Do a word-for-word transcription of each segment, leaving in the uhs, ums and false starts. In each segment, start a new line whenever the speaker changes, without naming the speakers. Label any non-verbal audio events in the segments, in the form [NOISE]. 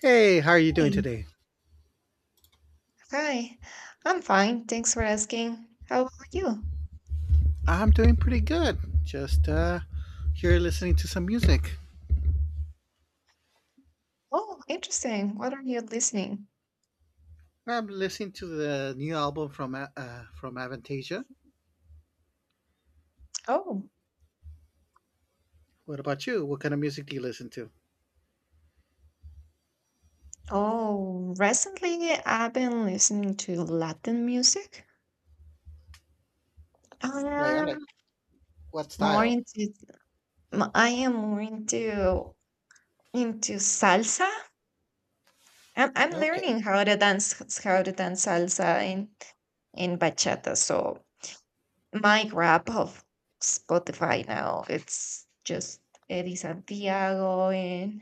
Hey, how are you doing
Hey,
today?
hi. I'm fine. Thanks for asking. How about you?
I'm doing pretty good. Just uh, here listening to some music.
Oh, interesting. What are you listening?
I'm listening to the new album from A- uh, from Avantasia.
Oh,
What about you? What kind of music do you listen to?
oh, recently I've been listening to Latin music. I
Right, I like
am
what
more
style?
into m- I am more into into salsa. I'm I'm
Okay,
learning how to dance how to dance salsa in in bachata. So my grab of Spotify now it's just Eddie Santiago and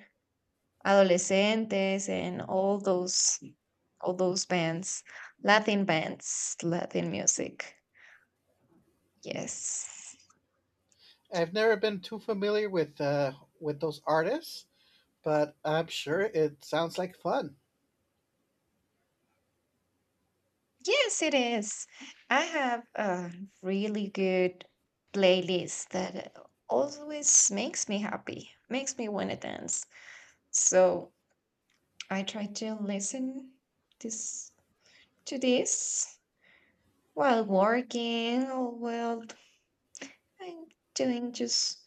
Adolescentes and all those all those bands, Latin bands, Latin music. Yes.
I've never been too familiar with uh, with those artists, but I'm sure it sounds like fun.
Yes, it is. I have a really good playlist that always makes me happy, makes me want to dance. So I try to listen this to this while working or while I'm doing just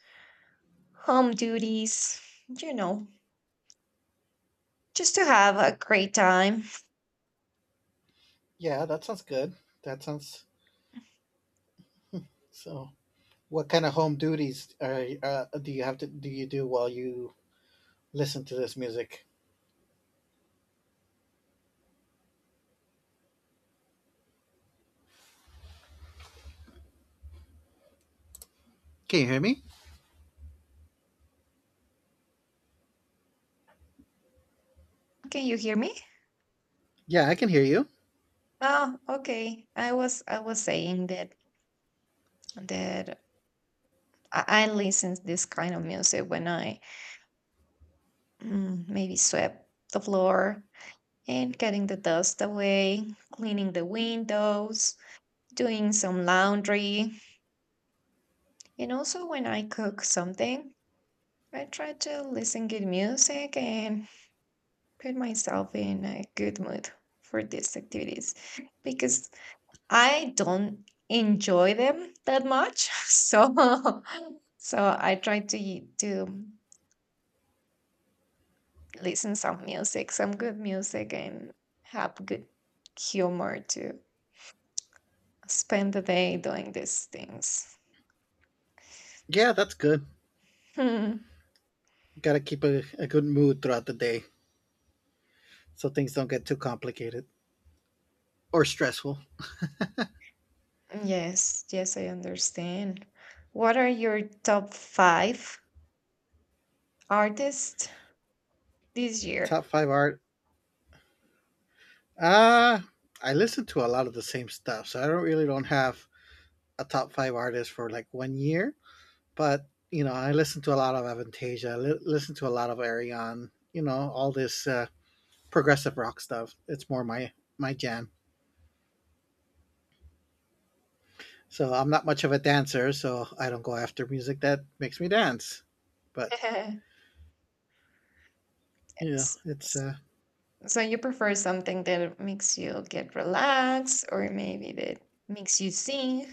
home duties, you know, just to have a great time.
Yeah, that sounds good. That sounds so. What kind of home duties are, uh, do you have to do you do while you listen to this music? Can you hear me?
Can you hear me?
Yeah, I can hear you.
Oh, okay. I was I was saying that that I, I listen to this kind of music when I mm, maybe swept the floor and getting the dust away, cleaning the windows, doing some laundry, and also when I cook something, I try to listen good music and put myself in a good mood for these activities because I don't enjoy them that much, [LAUGHS] so [LAUGHS] so I try to to listen some music, some good music, and have good humor to spend the day doing these things. [LAUGHS]
Yeah, that's good.
Hmm.
Gotta keep a, a good mood throughout the day so things don't get too complicated or stressful.
Yes, yes, I understand. What are your top five artists this year?
Top five art. Uh I listen to a lot of the same stuff, so I don't really don't have a top five artist for like one year. But you know, I listen to a lot of Avantasia. I li- listen to a lot of Arion. You know, all this uh, progressive rock stuff. It's more my my jam. So I'm not much of a dancer, so I don't go after music that makes me dance.
[LAUGHS]
But
S-
you know,
s-
it's uh,
So you prefer something that makes you get relaxed, or maybe that makes you sing?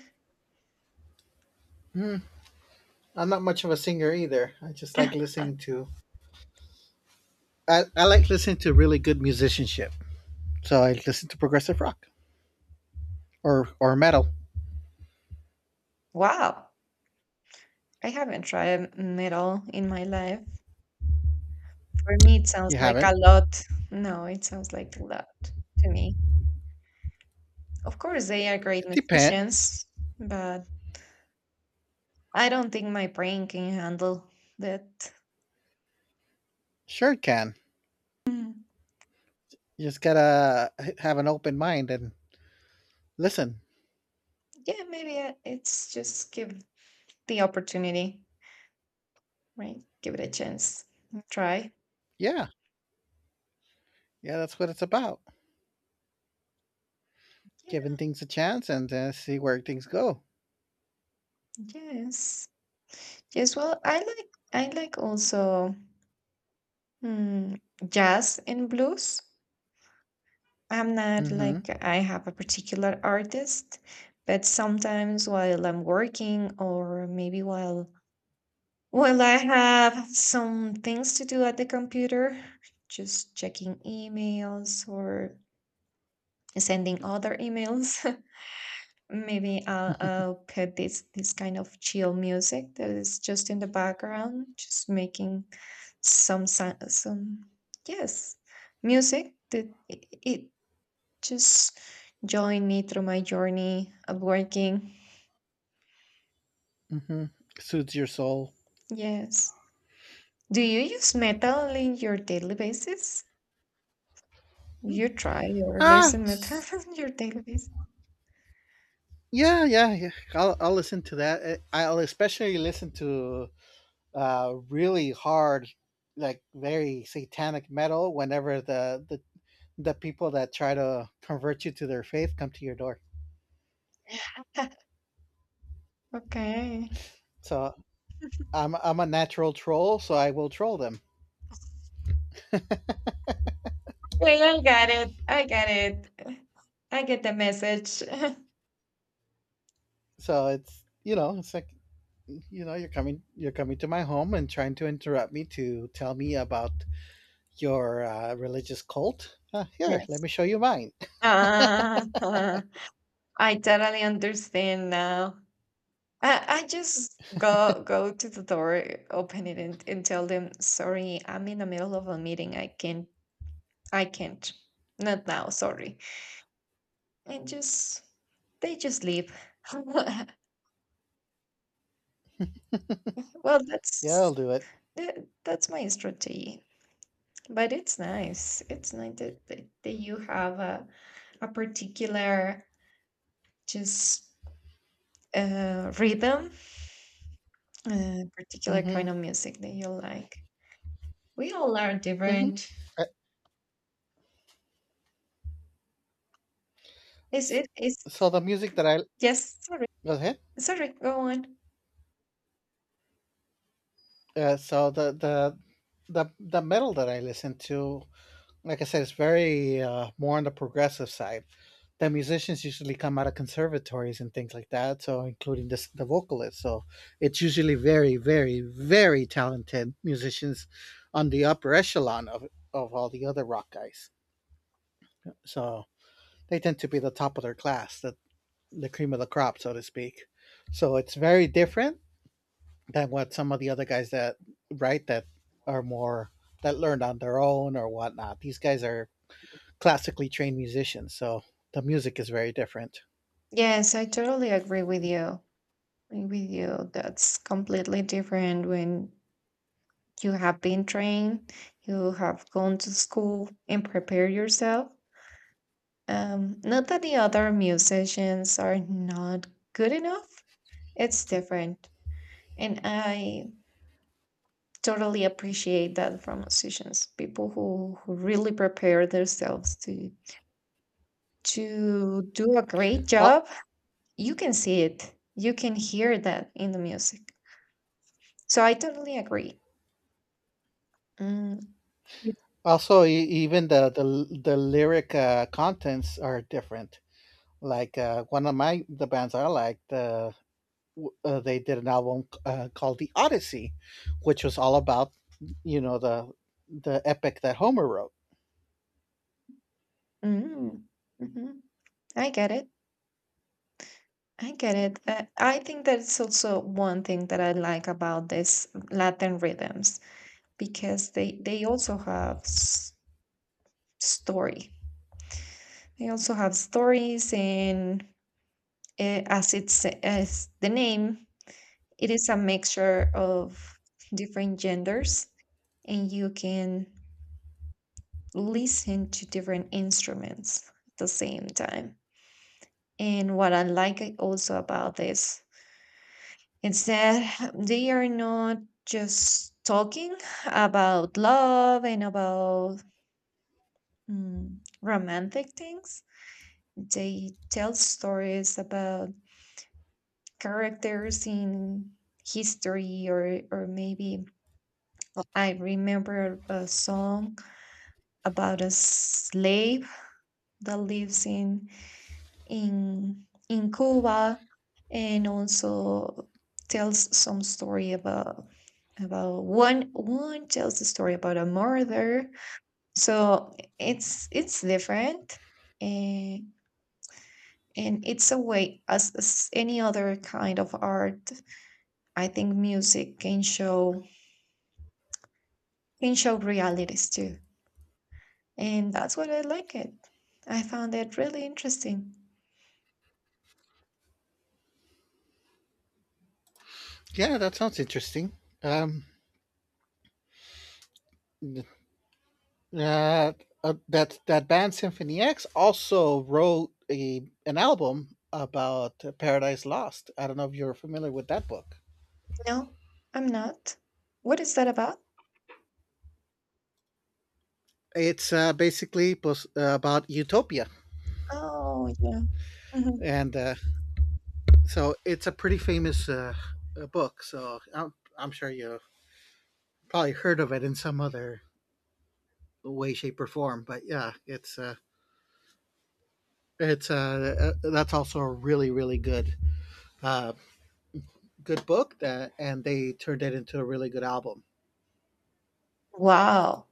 I'm not much of a singer either. I just like
[LAUGHS]
listening to I, I like listening to really good musicianship. So I listen to progressive rock or or metal.
Wow, I haven't tried metal in my life. For me, it sounds
You
like
haven't?
a lot. No, it sounds like a lot to me. Of course, they are great
It depends.
musicians, but I don't think my brain can handle that.
Sure, it can.
Mm,
You just gotta have an open mind and listen.
Yeah, maybe I- it's just give the opportunity, right? Give it a chance. Try.
Yeah, yeah, that's what it's about.
Yeah,
Giving things a chance and uh, see where things go.
yes. Yes, well, I like I like also mm, jazz and blues. I'm not
Mm-hmm.
like I have a particular artist, but sometimes while I'm working or maybe while while I have some things to do at the computer, just checking emails or sending other emails, [LAUGHS] maybe I'll,
[LAUGHS]
I'll put this this kind of chill music that is just in the background, just making some sou- some yes, music that it, it just join me through my journey of working.
Mm-hmm. Soothes your soul.
Yes. Do you use metal in your daily basis? You try or
Ah,
listen metal [LAUGHS] on your daily basis?
yeah, yeah, yeah. I'll I'll listen to that. Uh, I'll especially listen to uh, really hard, like very satanic metal whenever the, the, the people that try to convert you to their faith come to your door.
Okay.
So I'm, I'm a natural troll, so I will troll them.
Yeah, I got it. I got it. I get the message. [LAUGHS]
So it's, you know, it's like, you know, you're coming, you're coming to my home and trying to interrupt me to tell me about your uh, religious cult. Uh, here, let
yes.
me show you mine.
Ah, I totally understand now. I, I just go go to the door, open it, and, and tell them, sorry, I'm in the middle of a meeting. I can't I can't. Not now, sorry. And just they just leave. [LAUGHS] well,
Yeah,
that's
I'll do it.
that, that's my strategy. But it's nice. It's nice that, that, that you have a, a particular just uh, rhythm, a particular
Mm-hmm.
kind of music that you like. We all are
Mm-hmm.
different. Is it is
So the music that I
Yes, sorry.
go ahead.
Sorry, go on.
Uh, so the the the the metal that I listen to, like I said, is very uh, more on the progressive side. The musicians usually come out of conservatories and things like that, so including this, the vocalist. So it's usually very, very, very talented musicians on the upper echelon of of all the other rock guys. So they tend to be the top of their class, the the cream of the crop, so to speak. So it's very different than what some of the other guys that right that are more that learned on their own or whatnot. These guys are classically trained musicians, so the music is very different.
Yes, I totally agree with you. With you, that's completely different when you have been trained, you have gone to school and prepared yourself. Um, not that the other musicians are not good enough, it's different. And I totally appreciate that from musicians, people who, who really prepare themselves to to do a great
Al-
job. You can see it, you can hear that in the music. So I totally agree. Mm, with-
Also, e- even the the, the lyric uh, contents are different. Like uh, one of my the bands I like, the w- uh, they did an album uh, called The Odyssey, which was all about you know the the epic that Homer wrote.
mm, mhm. I get it. I get it. Uh, I think that's also one thing that I like about these Latin rhythms because they they also have s- story. They also have stories, and uh, as it's as the name, it is a mixture of different genders, and you can listen to different instruments at the same time. And what I like also about this instead, they are not just talking about love and about mm, romantic things. They tell stories about characters in history, or, or maybe I remember a song about a slave that lives in in in Cuba and also tells some story about about one one tells the story about a murder. So it's it's different, and and it's a way, as, as any other kind of art, I think music can show can show realities too, and that's what I like. It, I found it really interesting.
Yeah, that sounds interesting. Um, Uh, uh, that that band Symphony X also wrote a an album about Paradise Lost. I don't know if you're familiar with that book.
No, I'm not. What is that about?
It's uh, basically pos- uh, about utopia,
Oh, yeah. Mhm.
and uh, so it's a pretty famous uh, uh, book. So I'm I'm sure you probably heard of it in some other way, shape, or form. But yeah, it's uh, it's uh, uh, that's also a really really good uh, good book that, and they turned it into a really good album.
Wow.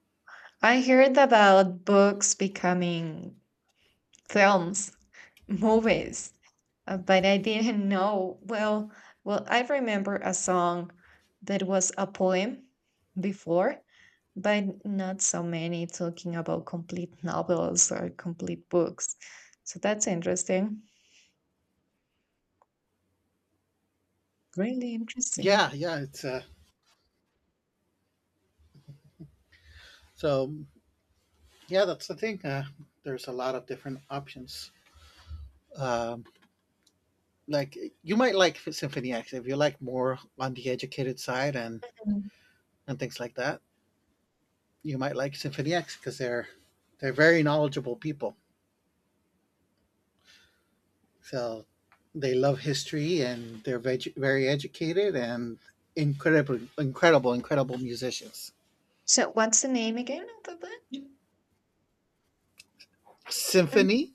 I heard about books becoming films, [LAUGHS] movies, uh, but I didn't know. Well, well, I remember a song that was a poem before, but not so many talking about complete novels or complete books. So that's interesting. Really
Yeah,
interesting.
yeah, it's uh, So yeah, that's the thing. Uh, there's a lot of different options. Um, like you might like Symphony X if you like more on the educated side and
Mm.
and things like that. You might like Symphony X because they're they're very knowledgeable people. So they love history and they're veg- very educated and incredible, incredible, incredible musicians.
So what's the name again of the book?
Symphony
Mhm.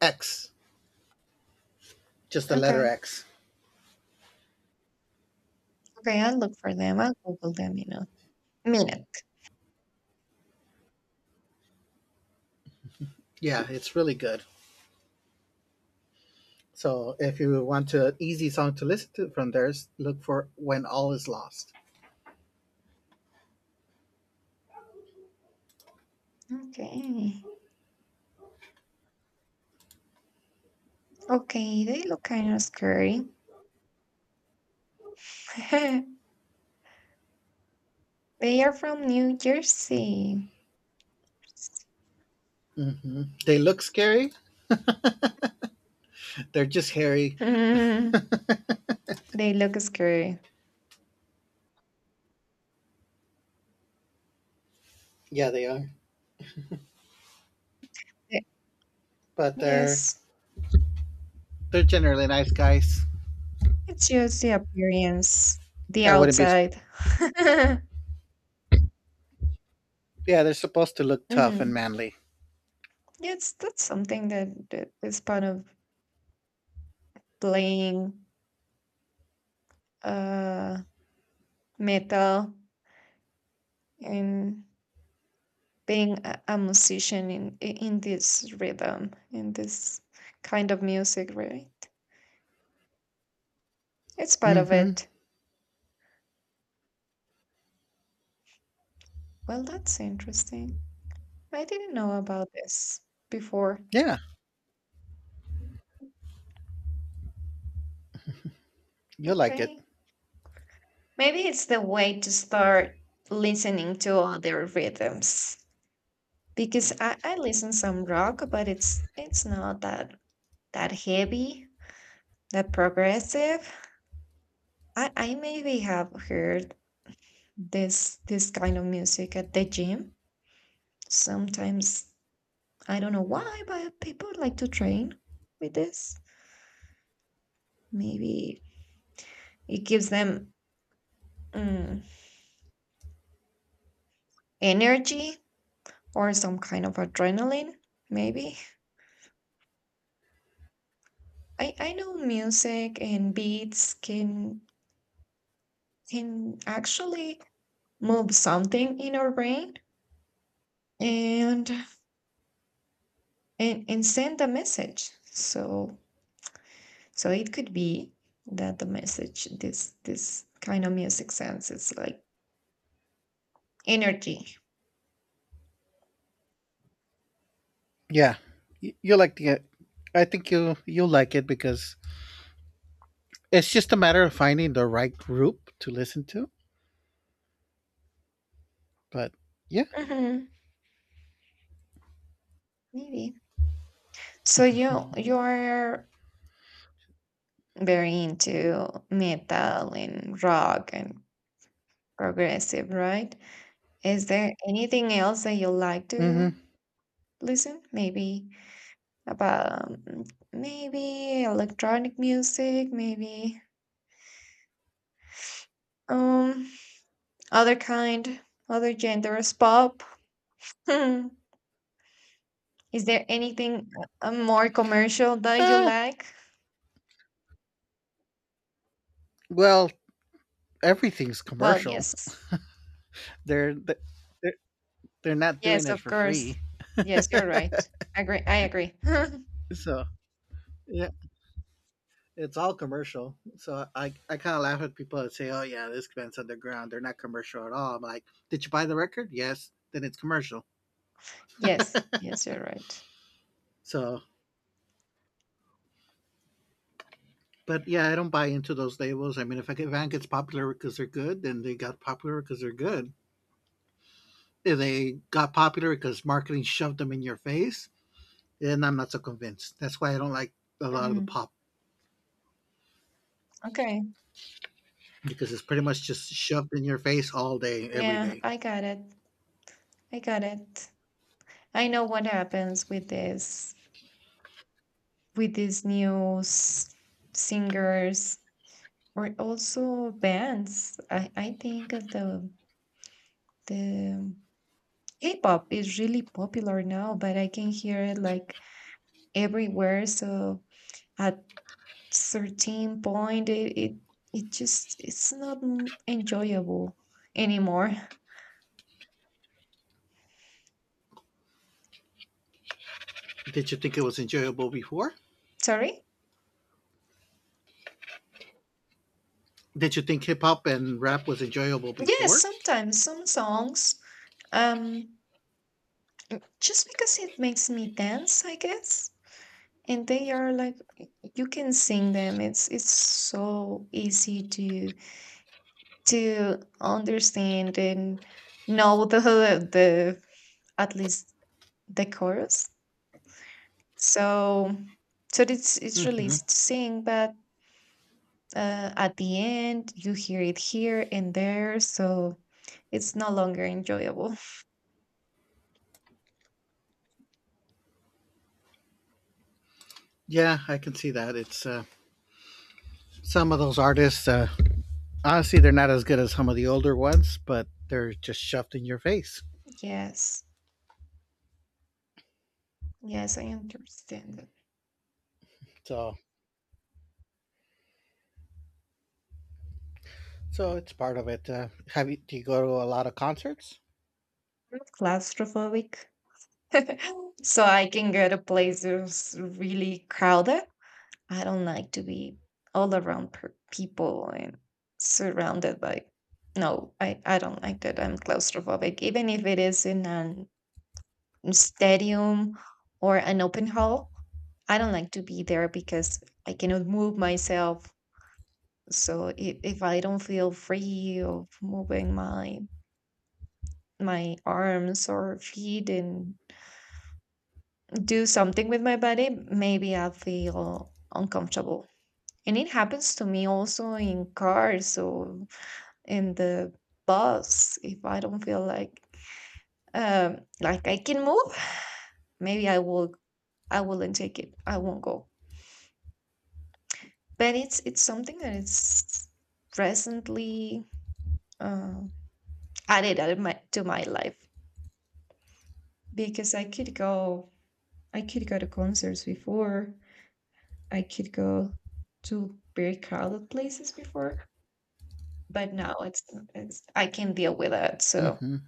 X, just the letter
Okay.
X.
Okay, I'll look for them. I'll Google them, you know. Minute.
Yeah, it's really good. So if you want an easy song to listen to from theirs, look for "When All Is Lost."
Okay. Okay, they look kind of scary. [LAUGHS] They are from New Jersey. [LAUGHS]
hmm They look scary. They're just hairy.
Mm, they look scary.
Yeah, they are,
Ye-
but they're
Yes,
they're generally nice guys.
it's just the appearance, the
I wouldn't be. Sc-
outside. [LAUGHS]
Yeah, they're supposed to look tough and
Mhm.
manly.
Yes, that's something that, that is part of playing uh metal and being a, a musician in in this rhythm, in this kind of music, right? It's part of
Hmm
it. Well, that's interesting. I didn't know about this before.
Yeah, you'll like it.
Okay. Maybe it's the way to start listening to other rhythms because I, I listen some rock, but it's it's not that that heavy, that progressive. I, I maybe have heard this this kind of music at the gym. Sometimes I don't know why, but people like to train with this. Maybe it gives them Mm, energy or some kind of adrenaline, maybe. I, I know music and beats can can actually move something in our brain and and, and send a message. So so it could be that the message this this kind of music sends is like energy.
Yeah, Y- you'll like the. I think you you'll like it because it's just a matter of finding the right group to listen to. But yeah.
Mhm, maybe. So you you are very into metal and rock and progressive, right? Is there anything else that you like to
hmm
listen? Maybe about um, maybe electronic music, maybe um other kind, other genres, pop. Hmm. Is there anything uh, more commercial that you like?
Well, everything's
Well,
commercial.
yes.
They're. The. They're not doing
Yes,
it
of
for
course.
free.
Yes, you're right. Agree. I agree. [LAUGHS]
So yeah, it's all commercial. So I I kind of laugh at people that say, "Oh yeah, this band's underground. They're not commercial at all." I'm like, "Did you buy the record? Yes, then it's commercial."
yes. Yes, you're right.
So, but yeah, I don't buy into those labels. I mean, if a band gets popular because they're good, then they got popular because they're good. If they got popular because marketing shoved them in your face, then I'm not so convinced. That's why I don't like a lot of the
Hmm.
pop
Okay.
because it's pretty much just shoved in your face all day, every
Yeah,
day.
I got it. I got it. I know what happens with this with these new s- singers or also bands. I, I think that the the K-pop is really popular now, but I can hear it like everywhere. So at certain point, it it, it just it's not m- enjoyable anymore. [LAUGHS]
Did you think it was enjoyable before?
Sorry.
Did you think hip hop and rap was enjoyable
Yes,
before?
sometimes some songs, um, just because it makes me dance, I guess. And they are like you can sing them, it's it's so easy to to understand and know the [LAUGHS] the at least the chorus, so so it's it's really
Hmm
easy to sing, but uh, at the end you hear it here and there, so it's no longer enjoyable.
Yeah, I can see that. It's uh, Some of those artists. Uh, honestly, they're not as good as some of the older ones, but they're just shoved in your face.
[LAUGHS] Yes, yes, I understand that.
So, so it's part of it. Uh, have you? Do you go to a lot of concerts?
I'm claustrophobic [LAUGHS] so I can go to places really crowded. I don't like to be all around per- people and surrounded by. No, I, I don't like that. I'm claustrophobic. Even if it is in an mm, stadium or an open hall, I don't like to be there because I cannot move myself. So if, if I don't feel free of moving my my arms or feet and do something with my body, maybe I feel uncomfortable. And it happens to me also in cars or in the bus. If I don't feel like um like I can move, maybe I will I wouldn't take it. I won't go. But it's it's something that is presently uh, added out of my, to my life because I could go I could go to concerts before. I could go to very crowded places before, but now it's, it's I can deal with that. So
Hmm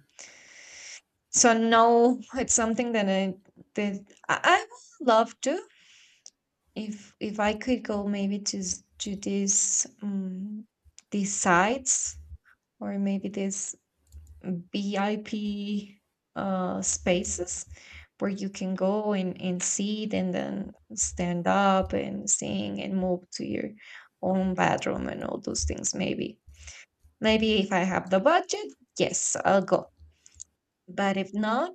So now it's something that I that I, I would love to, if if I could go maybe to s- to these um, these sites or maybe these V I P uh, spaces where you can go and, and sit and then stand up and sing and move to your own bedroom and all those things, maybe maybe if I have the budget, yes, I'll go, but if not,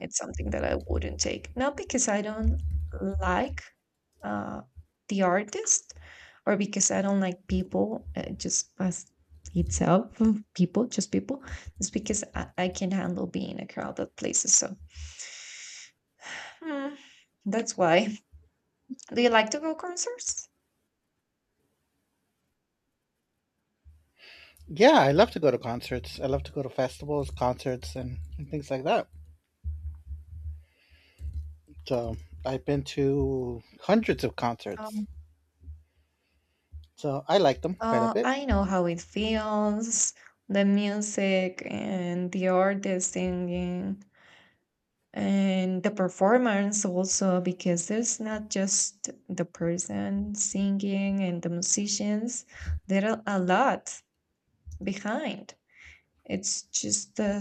it's something that I wouldn't take. Not because I don't like uh, the artist or because I don't like people, uh, just as itself, mm, people, just people. It's because I, I can handle being in a crowded places. So mm, that's why. Do you like to go concerts?
Yeah, I love to go to concerts. I love to go to festivals, concerts, and, and things like that. So I've been to hundreds of concerts.
Um,
So I like them quite a
uh,
bit.
I know how it feels, the music and the artist singing, and the performance also, because there's not just the person singing and the musicians, there are a lot behind. It's just uh,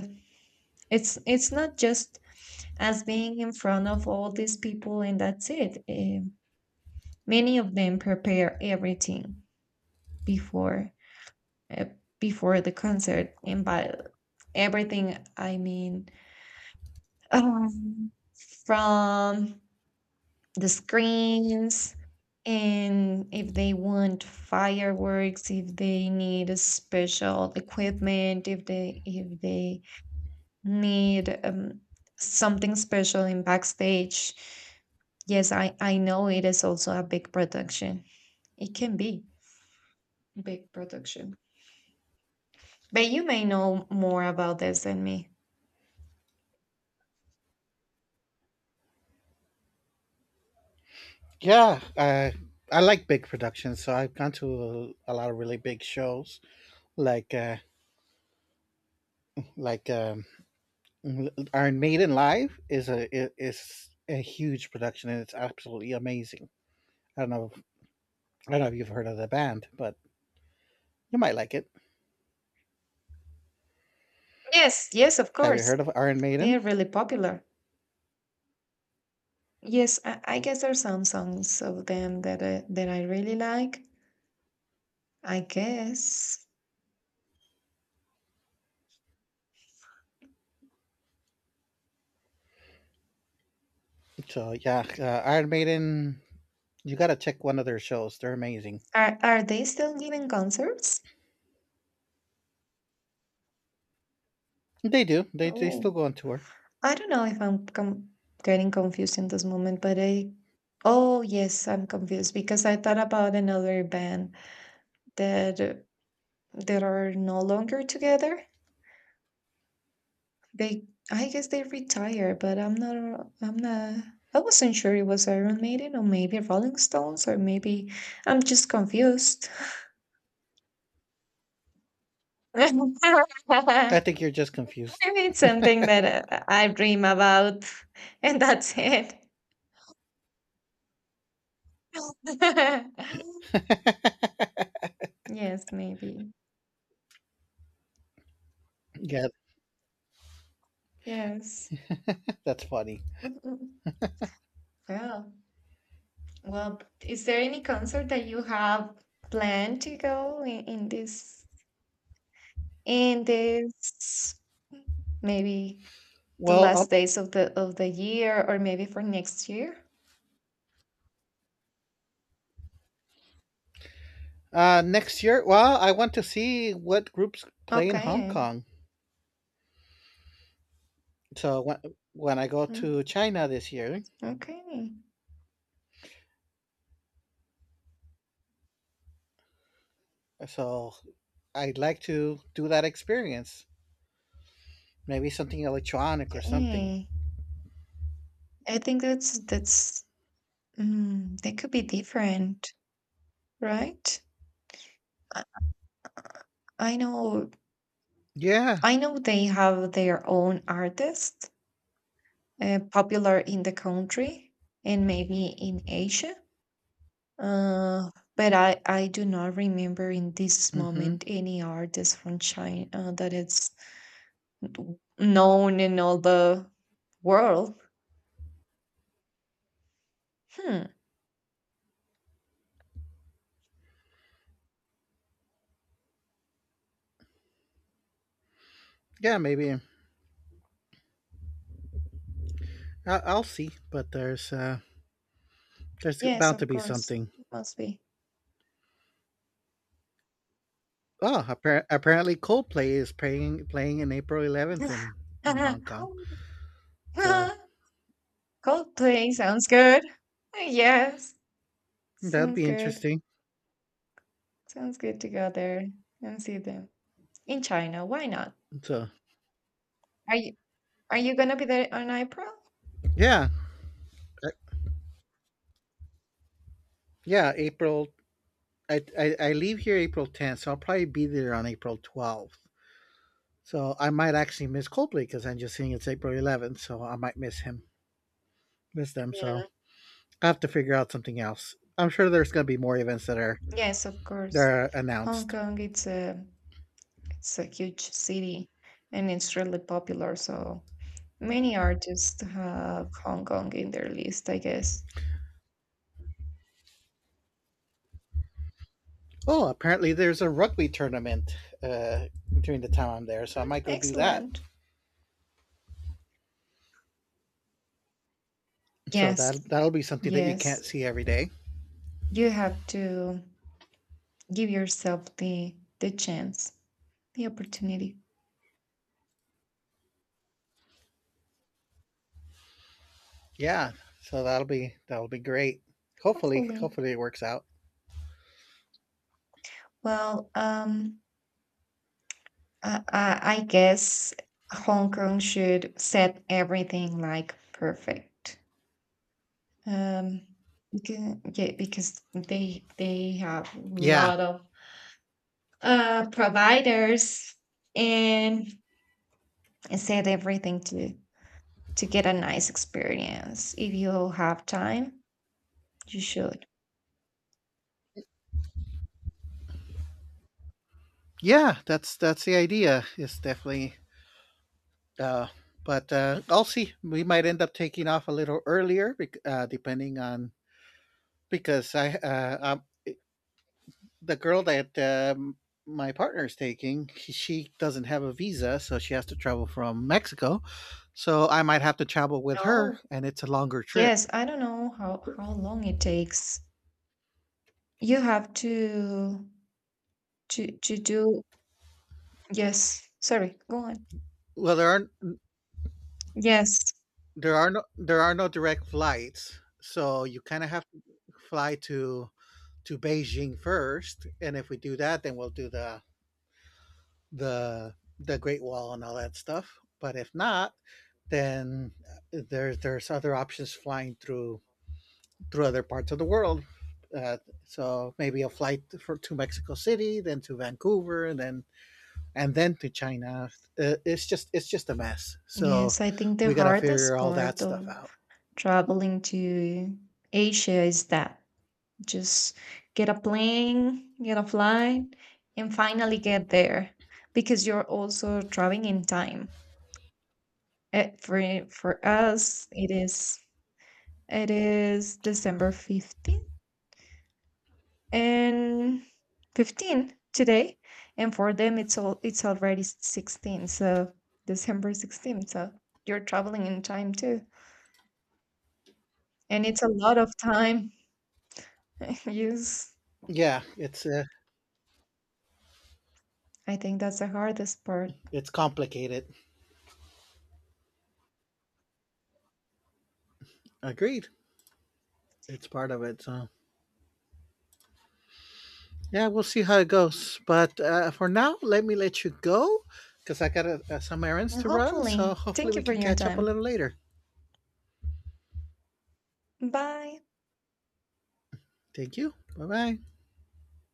it's it's not just as being in front of all these people and that's it. Um many of them prepare everything before, uh, before the concert, and by everything I mean, um, from the screens, and if they want fireworks, if they need a special equipment, if they if they need um, something special in backstage. Yes, i i know it is also a big production. It can be big production, but you may know more about this than me.
Yeah, uh, I like big productions, so I've gone to a, a lot of really big shows, like uh, like um, Iron Maiden live is a i- is a huge production, and it's absolutely amazing. I don't know, I don't know if you've heard of the band, but you might like it.
Yes, yes, of
Have you
course.
heard of Iron
They are
Maiden?
really popular. Yes, i, I guess there's some songs of them that uh, that I really like, I guess.
So yeah, uh, Iron Maiden, you gotta check one of their shows. They're amazing.
Are are they still giving concerts?
They do. They they still
Oh,
go on tour.
I don't know if I'm com getting confused in this moment, but I oh yes, I'm confused because I thought about another band that uh, that are no longer together. They I guess they retired, but I'm not I'm not I wasn't sure it was Iron Maiden or maybe Rolling Stones or maybe I'm just confused.
I
[LAUGHS]
think you're just confused.
Maybe it's something that uh, I dream about, [LAUGHS] and that's it. [LAUGHS]
[LAUGHS]
Yes, maybe.
yeah,
Yes.
that's funny.
[LAUGHS] Mhm. Yeah. Well, is there any concert that you have planned to go in, in this in this maybe the
Well, um,
last days of the of the year or maybe for next year?
Uh, next year, well, I want to see what groups play in Hong
Okay.
Kong. So when when I go
Mm.
to China this year,
Okay.
so I'd like to do that experience. Maybe something electronic or something.
Okay. I think that's that's mm, they could be different. Right? I I know
Yeah.
I know they have their own artists uh, popular in the country and maybe in Asia. Uh, but I, I do not remember in this
Mm-hmm.
moment any artist from China uh, that is known in all the world. Hmm.
Yeah, maybe. I- I'll see, but there's uh, there's
Yes,
bound to
of
be
course.
something.
Must be.
Oh, appar- apparently Coldplay is playing playing in April eleventh in in Hong Kong. So
[LAUGHS] Coldplay sounds good. Yes.
that would
Sounds
be
good.
interesting.
Sounds good to go there and see them. In China, why not?
So
Are you are you gonna be there on April?
yeah, uh, yeah, April I, I I leave here April tenth, so I'll probably be there on April twelfth. So I might actually miss Coldplay because I'm just seeing it's April eleventh, so I might miss him, miss them. So
Mhm.
I have to figure out something else. I'm sure there's going to be more events that are
Yes, of
that
course.
are
Hong
announced.
Kong, it's a it's a huge city and it's really popular, so many artists have Hong Kong in their list, I guess.
Oh, apparently there's a rugby tournament uh, during the time I'm there, so I might go do that.
Excellent.
So
Yes.
that that'll be something that you can't
Yes.
see every day.
You have to give yourself the the chance, the opportunity.
Yeah, so that'll be that'll be great. Hopefully,
Hopefully.
hopefully it works out.
Well, um Uh, uh, I guess Hong Kong should set everything like perfect. Um, beca- yeah, because they they have a
Yeah,
lot of uh providers and set everything to to get a nice experience. If you have time, you should.
yeah, that's that's the idea. It's definitely Uh, but uh, I'll see. We might end up taking off a little earlier, bec- uh, depending on because I uh, um, the girl that um, my partner is taking, she she doesn't have a visa, so she has to travel from Mexico. So I might have to travel with her,
No.
and it's a longer trip.
Yes, I don't know how how long it takes. You have to to to do. Yes. Sorry. Go on.
Well, there aren't
Yes.
there are no there are no direct flights, so you kind of have to fly to to Beijing first, and if we do that, then we'll do the the the Great Wall and all that stuff. But if not, then uh, there there's other options flying through through other parts of the world. Uh, so maybe a flight for to Mexico City, then to Vancouver, and then and then to China. Uh, it's just it's just a mess. So
Yes, I think the
we gotta
hardest
figure all that
part
stuff
of
out.
traveling to Asia is that just get a plane, get a flight, and finally get there because you're also traveling in time. Uh, for for us, it is it is December fifteenth and fifteenth today, and for them it's all it's already sixteenth, so December sixteenth. So you're traveling in time too, and it's a lot of time. [LAUGHS] Yes,
Yeah, it's uh,
I think that's the hardest part.
it's complicated. Agreed. It's part of it. So yeah, we'll see how it goes. But uh, for now, let me let you go because I got uh, some errands
And
to run. So
hopefully,
hopefully
thank you
we
for
can
your
catch up a little
time.
later.
Bye.
Thank you. Bye bye.